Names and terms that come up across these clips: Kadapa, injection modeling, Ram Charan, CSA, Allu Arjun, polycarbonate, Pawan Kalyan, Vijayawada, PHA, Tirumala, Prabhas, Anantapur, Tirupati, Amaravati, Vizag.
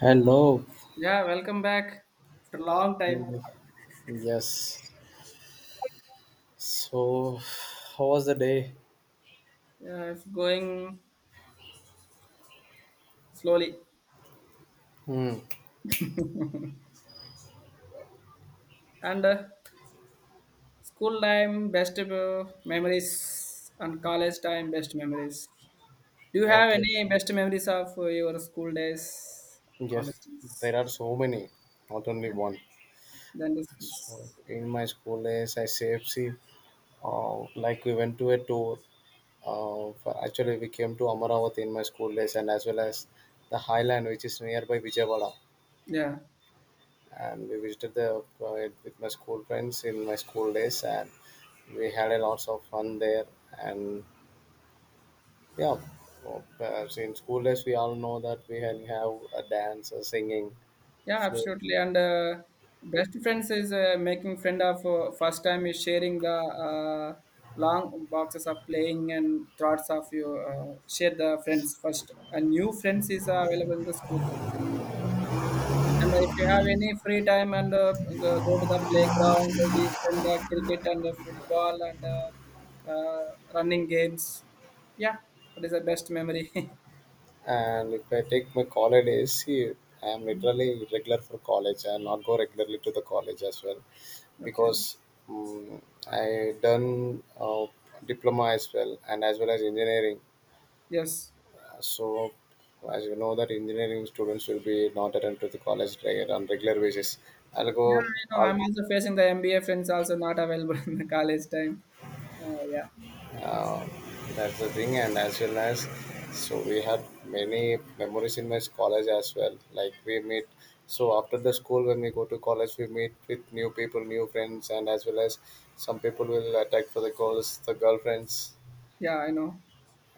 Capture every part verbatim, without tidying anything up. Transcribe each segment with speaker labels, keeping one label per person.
Speaker 1: Hello.
Speaker 2: Yeah, welcome back after a long time.
Speaker 1: Hello. Yes. So, how was the day?
Speaker 2: Yeah, it's going slowly.
Speaker 1: Hmm.
Speaker 2: And uh, school time, best uh, memories, and college time, best memories. Do you have
Speaker 1: Okay.
Speaker 2: any best memories of uh, your school days, college
Speaker 1: Yes.
Speaker 2: days?
Speaker 1: There are so many, not only one.
Speaker 2: Then this
Speaker 1: So,
Speaker 2: is,
Speaker 1: in my school days, I C F C. CFC, uh, like we went to a tour. Uh, for, actually, we came to Amaravati in my school days, and as well as the highland, which is nearby Vijayawada.
Speaker 2: yeah.
Speaker 1: And we visited the uh, with my school friends in my school days, and we had a lots of fun there. And, yeah, well, perhaps in school days, we all know that we can have a dance, a singing.
Speaker 2: Yeah,
Speaker 1: So,
Speaker 2: absolutely. And uh, best friends is uh, making friend of uh, first time is sharing the uh, long boxes of playing and thoughts of you uh, share the friends first. And new friends is uh, available in the school. Time. And if you have any free time and uh, go go to the playground, we spend the cricket and the football and uh, uh, running games. Yeah, that is the best memory.
Speaker 1: and if I take my college days, see, I am literally regular for college. I not go regularly to the college as well,
Speaker 2: Okay.
Speaker 1: because um, I done uh, diploma as well, and as well as engineering.
Speaker 2: Yes.
Speaker 1: Uh, So, as you know, that engineering students will be not attend to the college reg- on regular basis. I'll go.
Speaker 2: Yeah, I know. I'm also facing the M B A friends also not available in the college time. Uh, yeah,
Speaker 1: uh, that's the thing, and as well as, so we had many memories in my college as well, like we meet, so after the school when we go to college we meet with new people, new friends, and as well as some people will attack for the girls the girlfriends
Speaker 2: yeah, I know.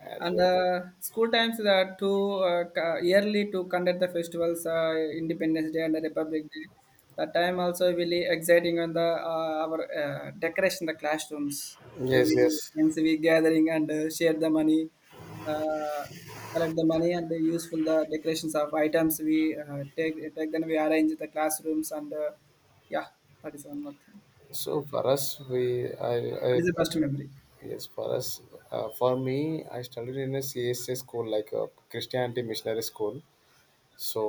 Speaker 1: as
Speaker 2: And
Speaker 1: well.
Speaker 2: uh, school times that to uh, ca- yearly to conduct the festivals, uh, Independence Day and the Republic Day. That time also really exciting on the uh, our uh, decoration the classrooms.
Speaker 1: Yes,
Speaker 2: Every
Speaker 1: yes.
Speaker 2: N C V gathering and uh, share the money, uh, collect the money and the useful the decorations of items we uh, take take then we arrange the classrooms and uh, yeah, that is one more thing.
Speaker 1: So for us, we I, I,
Speaker 2: That is the
Speaker 1: I
Speaker 2: best
Speaker 1: stu-
Speaker 2: memory.
Speaker 1: yes, for us, uh, for me, I studied in a C S A school, like a Christianity missionary school. So,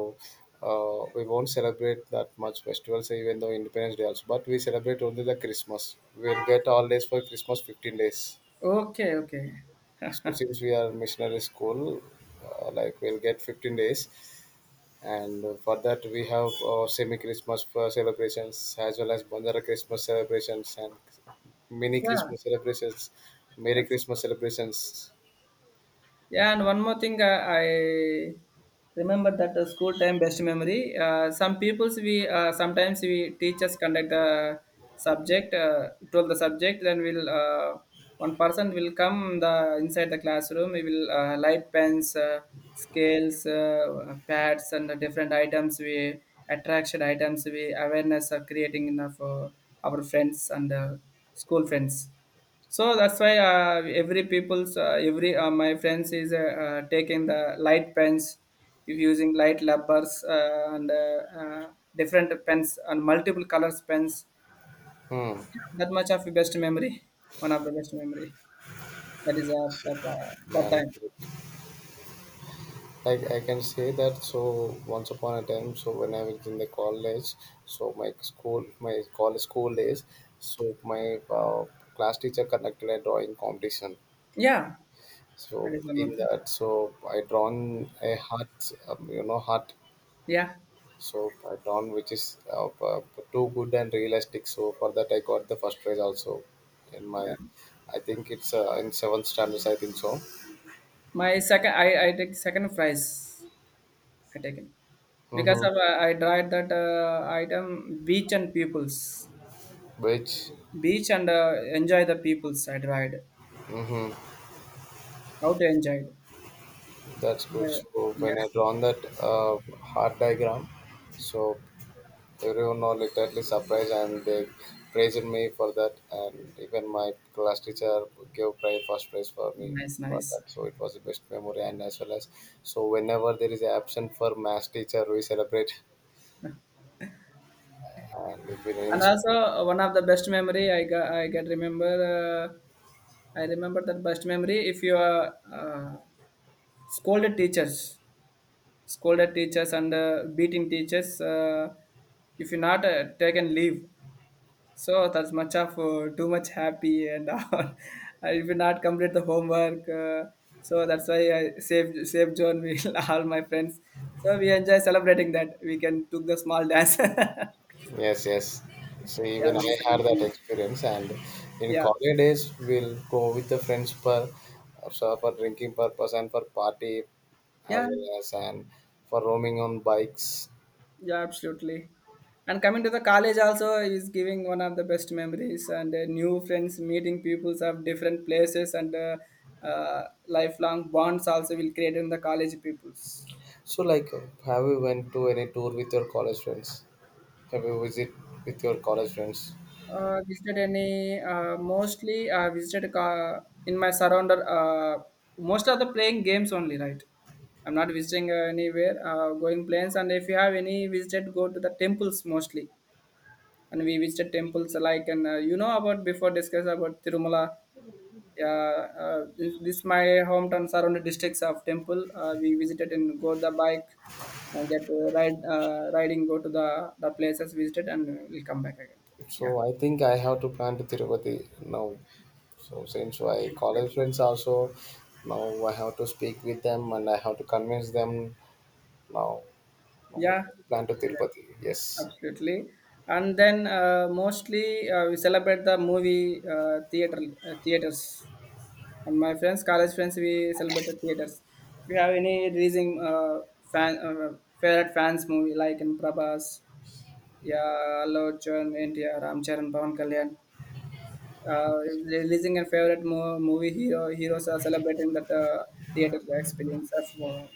Speaker 1: uh, we won't celebrate that much festivals, even though Independence Day also. But we celebrate only the Christmas. We'll get all days for Christmas, fifteen days.
Speaker 2: Okay, okay,
Speaker 1: So since we are missionary school, uh, like we'll get fifteen days. And for that, we have uh, semi-Christmas uh, celebrations, as well as Bandara Christmas celebrations and mini
Speaker 2: yeah,
Speaker 1: Christmas celebrations, Merry
Speaker 2: that's.
Speaker 1: Christmas celebrations.
Speaker 2: Yeah, and one more thing, uh, I remember that the school time best memory. Uh, some people's we uh, sometimes we teachers conduct the subject, uh, told the subject, then we'll uh, one person will come the inside the classroom. We will uh, light pens, uh, scales, uh, pads, and the different items we attraction items we awareness are creating enough uh, our friends and uh, school friends. So that's why uh, every people's uh, every uh, my friends is uh, uh, taking the light pens, if using light rubbers uh, and uh, uh, different pens and multiple colors pens.
Speaker 1: Hmm.
Speaker 2: That much of best memory, one of the best memory. That is of the, uh, that
Speaker 1: Yeah.
Speaker 2: time.
Speaker 1: I, I can say that, so once upon a time, so when I was in the college, so my school my college school days, so my uh, class teacher conducted a drawing competition,
Speaker 2: Yeah, that
Speaker 1: so
Speaker 2: is one
Speaker 1: in
Speaker 2: more thing.
Speaker 1: that, so I drawn a heart, um, you know heart,
Speaker 2: Yeah,
Speaker 1: so I drawn, which is uh, uh, too good and realistic, so for that I got the first prize also in my—
Speaker 2: yeah.
Speaker 1: I think it's uh, in seventh standards, I think so.
Speaker 2: My second, I I take second prize. I taken because
Speaker 1: Mm-hmm.
Speaker 2: of uh, I tried that uh, item beach and pupils.
Speaker 1: Which.
Speaker 2: Beach and uh, enjoy the people side ride.
Speaker 1: Mm-hmm.
Speaker 2: How to enjoy it?
Speaker 1: That's good.
Speaker 2: Uh,
Speaker 1: So when
Speaker 2: yeah,
Speaker 1: I drawn that uh, heart diagram, so everyone was literally surprised and they praised me for that. And even my class teacher gave prize first prize for me
Speaker 2: nice,
Speaker 1: for that.
Speaker 2: nice.
Speaker 1: So it was the best memory. And as well as, so whenever there is an absent for math teacher, we celebrate and it will
Speaker 2: And
Speaker 1: end.
Speaker 2: also uh, one of the best memory I got, I get remember. Uh, I remember that best memory. If you are uh, scolded teachers, scolded teachers and uh, beating teachers, uh, if you not uh, taken leave. So that's much of uh, too much happy and all. I will not complete the homework. Uh, so that's why I saved saved John will all my friends. So we enjoy celebrating that. We can took the small dance. Yeah,
Speaker 1: Yes, yes. So even
Speaker 2: that
Speaker 1: I
Speaker 2: is a
Speaker 1: had that
Speaker 2: thing.
Speaker 1: experience, and in
Speaker 2: Yeah,
Speaker 1: college days, we'll go with the friends for so for drinking purpose and for party, as
Speaker 2: yeah,
Speaker 1: well as, and for roaming on bikes.
Speaker 2: yeah, absolutely. And coming to the college also is giving one of the best memories and uh, new friends, meeting peoples of different places and uh, uh, lifelong bonds also will create in the college peoples.
Speaker 1: So like, have you went to any tour with your college friends? Have you visit with your college friends?
Speaker 2: Uh, visited any uh, mostly uh, visited uh, in my surrounder uh, most of the playing games only, right? I'm not visiting uh, anywhere uh, going planes, and if you have any visited go to the temples mostly, and we visited temples like and uh, you know about before discuss about Tirumala. Yeah, uh, this, this my hometown surrounded districts of temple uh, we visited and go the bike uh, get uh, ride uh, riding go to the the places visited and we'll come back again. Yeah.
Speaker 1: So I think I have to plan to Tirupati now. So since my
Speaker 2: Good.
Speaker 1: college friends also, now I have to speak with them and I have to convince them. Now, no, wait.
Speaker 2: Yeah,
Speaker 1: Plan to
Speaker 2: yeah,
Speaker 1: Tirupati. Yes.
Speaker 2: absolutely. And then uh, mostly uh, we celebrate the movie uh, theater uh, theaters. And my friends, college friends, we celebrate the theaters. If you have any raising uh, fan uh, favorite fans movie like in Prabhas, yeah, Allu Arjun, India, Ram Charan, Pawan Kalyan, uh, releasing a favorite mo- movie hero heroes are celebrating that uh, theater experience of uh,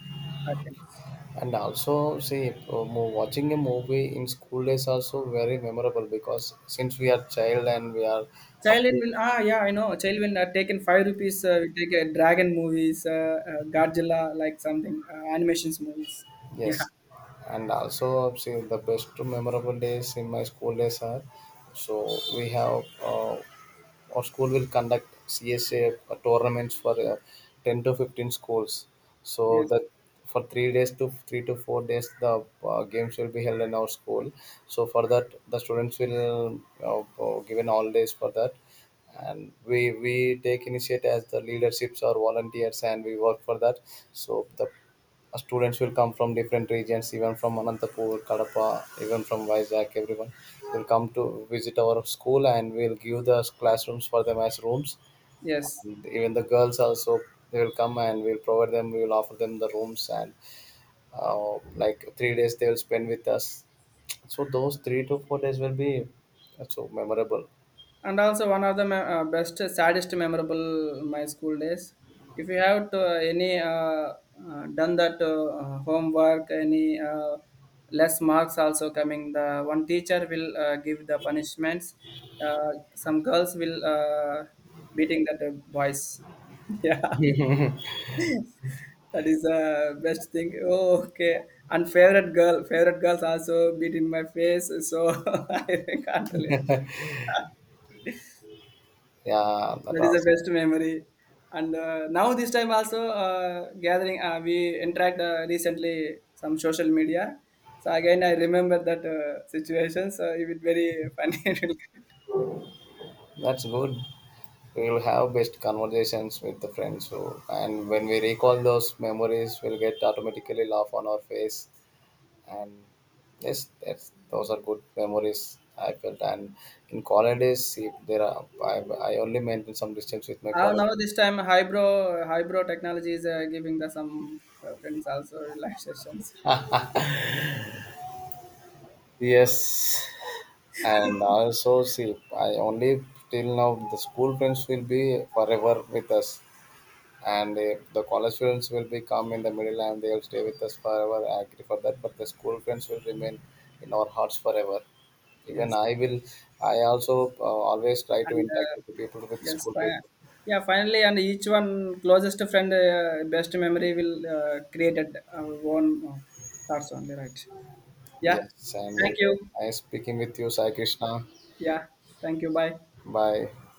Speaker 2: my friends.
Speaker 1: And also, see, uh, mo- watching a movie in school days also very memorable, because since we are child and we are up
Speaker 2: Thailand
Speaker 1: to—
Speaker 2: will, ah, yeah, I know, child will uh, taken five rupees uh, we take a dragon movies uh, uh, Godzilla like something uh, animations movies, yeah.
Speaker 1: yes, and also see the best memorable days in my school days are, so we have uh, our school will conduct C S A tournaments for uh, ten to fifteen schools. So
Speaker 2: Yes,
Speaker 1: that for three days to three to four days, the uh, games will be held in our school. So for that, the students will uh, uh, given all days for that, and we we take initiative as the leaderships or volunteers, and we work for that. So the students will come from different regions, even from Anantapur, Kadapa, even from Vizag. Everyone will come to visit our school, and we'll give the classrooms for them as rooms.
Speaker 2: yes.
Speaker 1: And even the girls also, they will come and we'll provide them. We will offer them the rooms, and uh, like three days they will spend with us. So those three to four days will be so memorable.
Speaker 2: And also one of the me- uh, best uh, saddest memorable my school days, if you have to, uh, any uh, uh, done that uh, uh, homework, any uh, less marks also coming the one teacher will uh, give the punishments. uh, some girls will uh, beating that uh, boys. Yeah, that is the best thing. Oh, okay. And favorite girl, favorite girls also beat in my face, so I can't tell you.
Speaker 1: Yeah, that
Speaker 2: That is the
Speaker 1: was—
Speaker 2: best memory. And uh, now this time also uh, gathering, uh, we interact uh, recently some social media. So again, I remember that uh, situation. So it was very funny. It will get-.
Speaker 1: that's good. We'll have best conversations with the friends, so, and when we recall those memories, we'll get automatically laugh on our face. And yes, that's, those are good memories I felt. And in college days, if there are, I, I only maintain some distance with my
Speaker 2: Uh,
Speaker 1: college.
Speaker 2: now this time, hybro hybro technology is uh, giving the some uh, friends also live sessions.
Speaker 1: Yes, and also see, I only— till now the school friends will be forever with us. And uh, the college students will be come in the middle and they'll stay with us forever, I agree for that, but the school friends will remain in our hearts forever. Even
Speaker 2: Yes.
Speaker 1: I will I also uh, always try to
Speaker 2: And,
Speaker 1: interact
Speaker 2: uh,
Speaker 1: with the people with
Speaker 2: yes,
Speaker 1: school
Speaker 2: fi-
Speaker 1: people.
Speaker 2: yeah, finally, and each one closest friend, uh, best memory will uh, created our own uh, thoughts only, right? Yeah.
Speaker 1: Yes, and
Speaker 2: Thank
Speaker 1: it
Speaker 2: you.
Speaker 1: was nice speaking with you, Sai Krishna.
Speaker 2: Yeah. Thank you. Bye.
Speaker 1: Bye.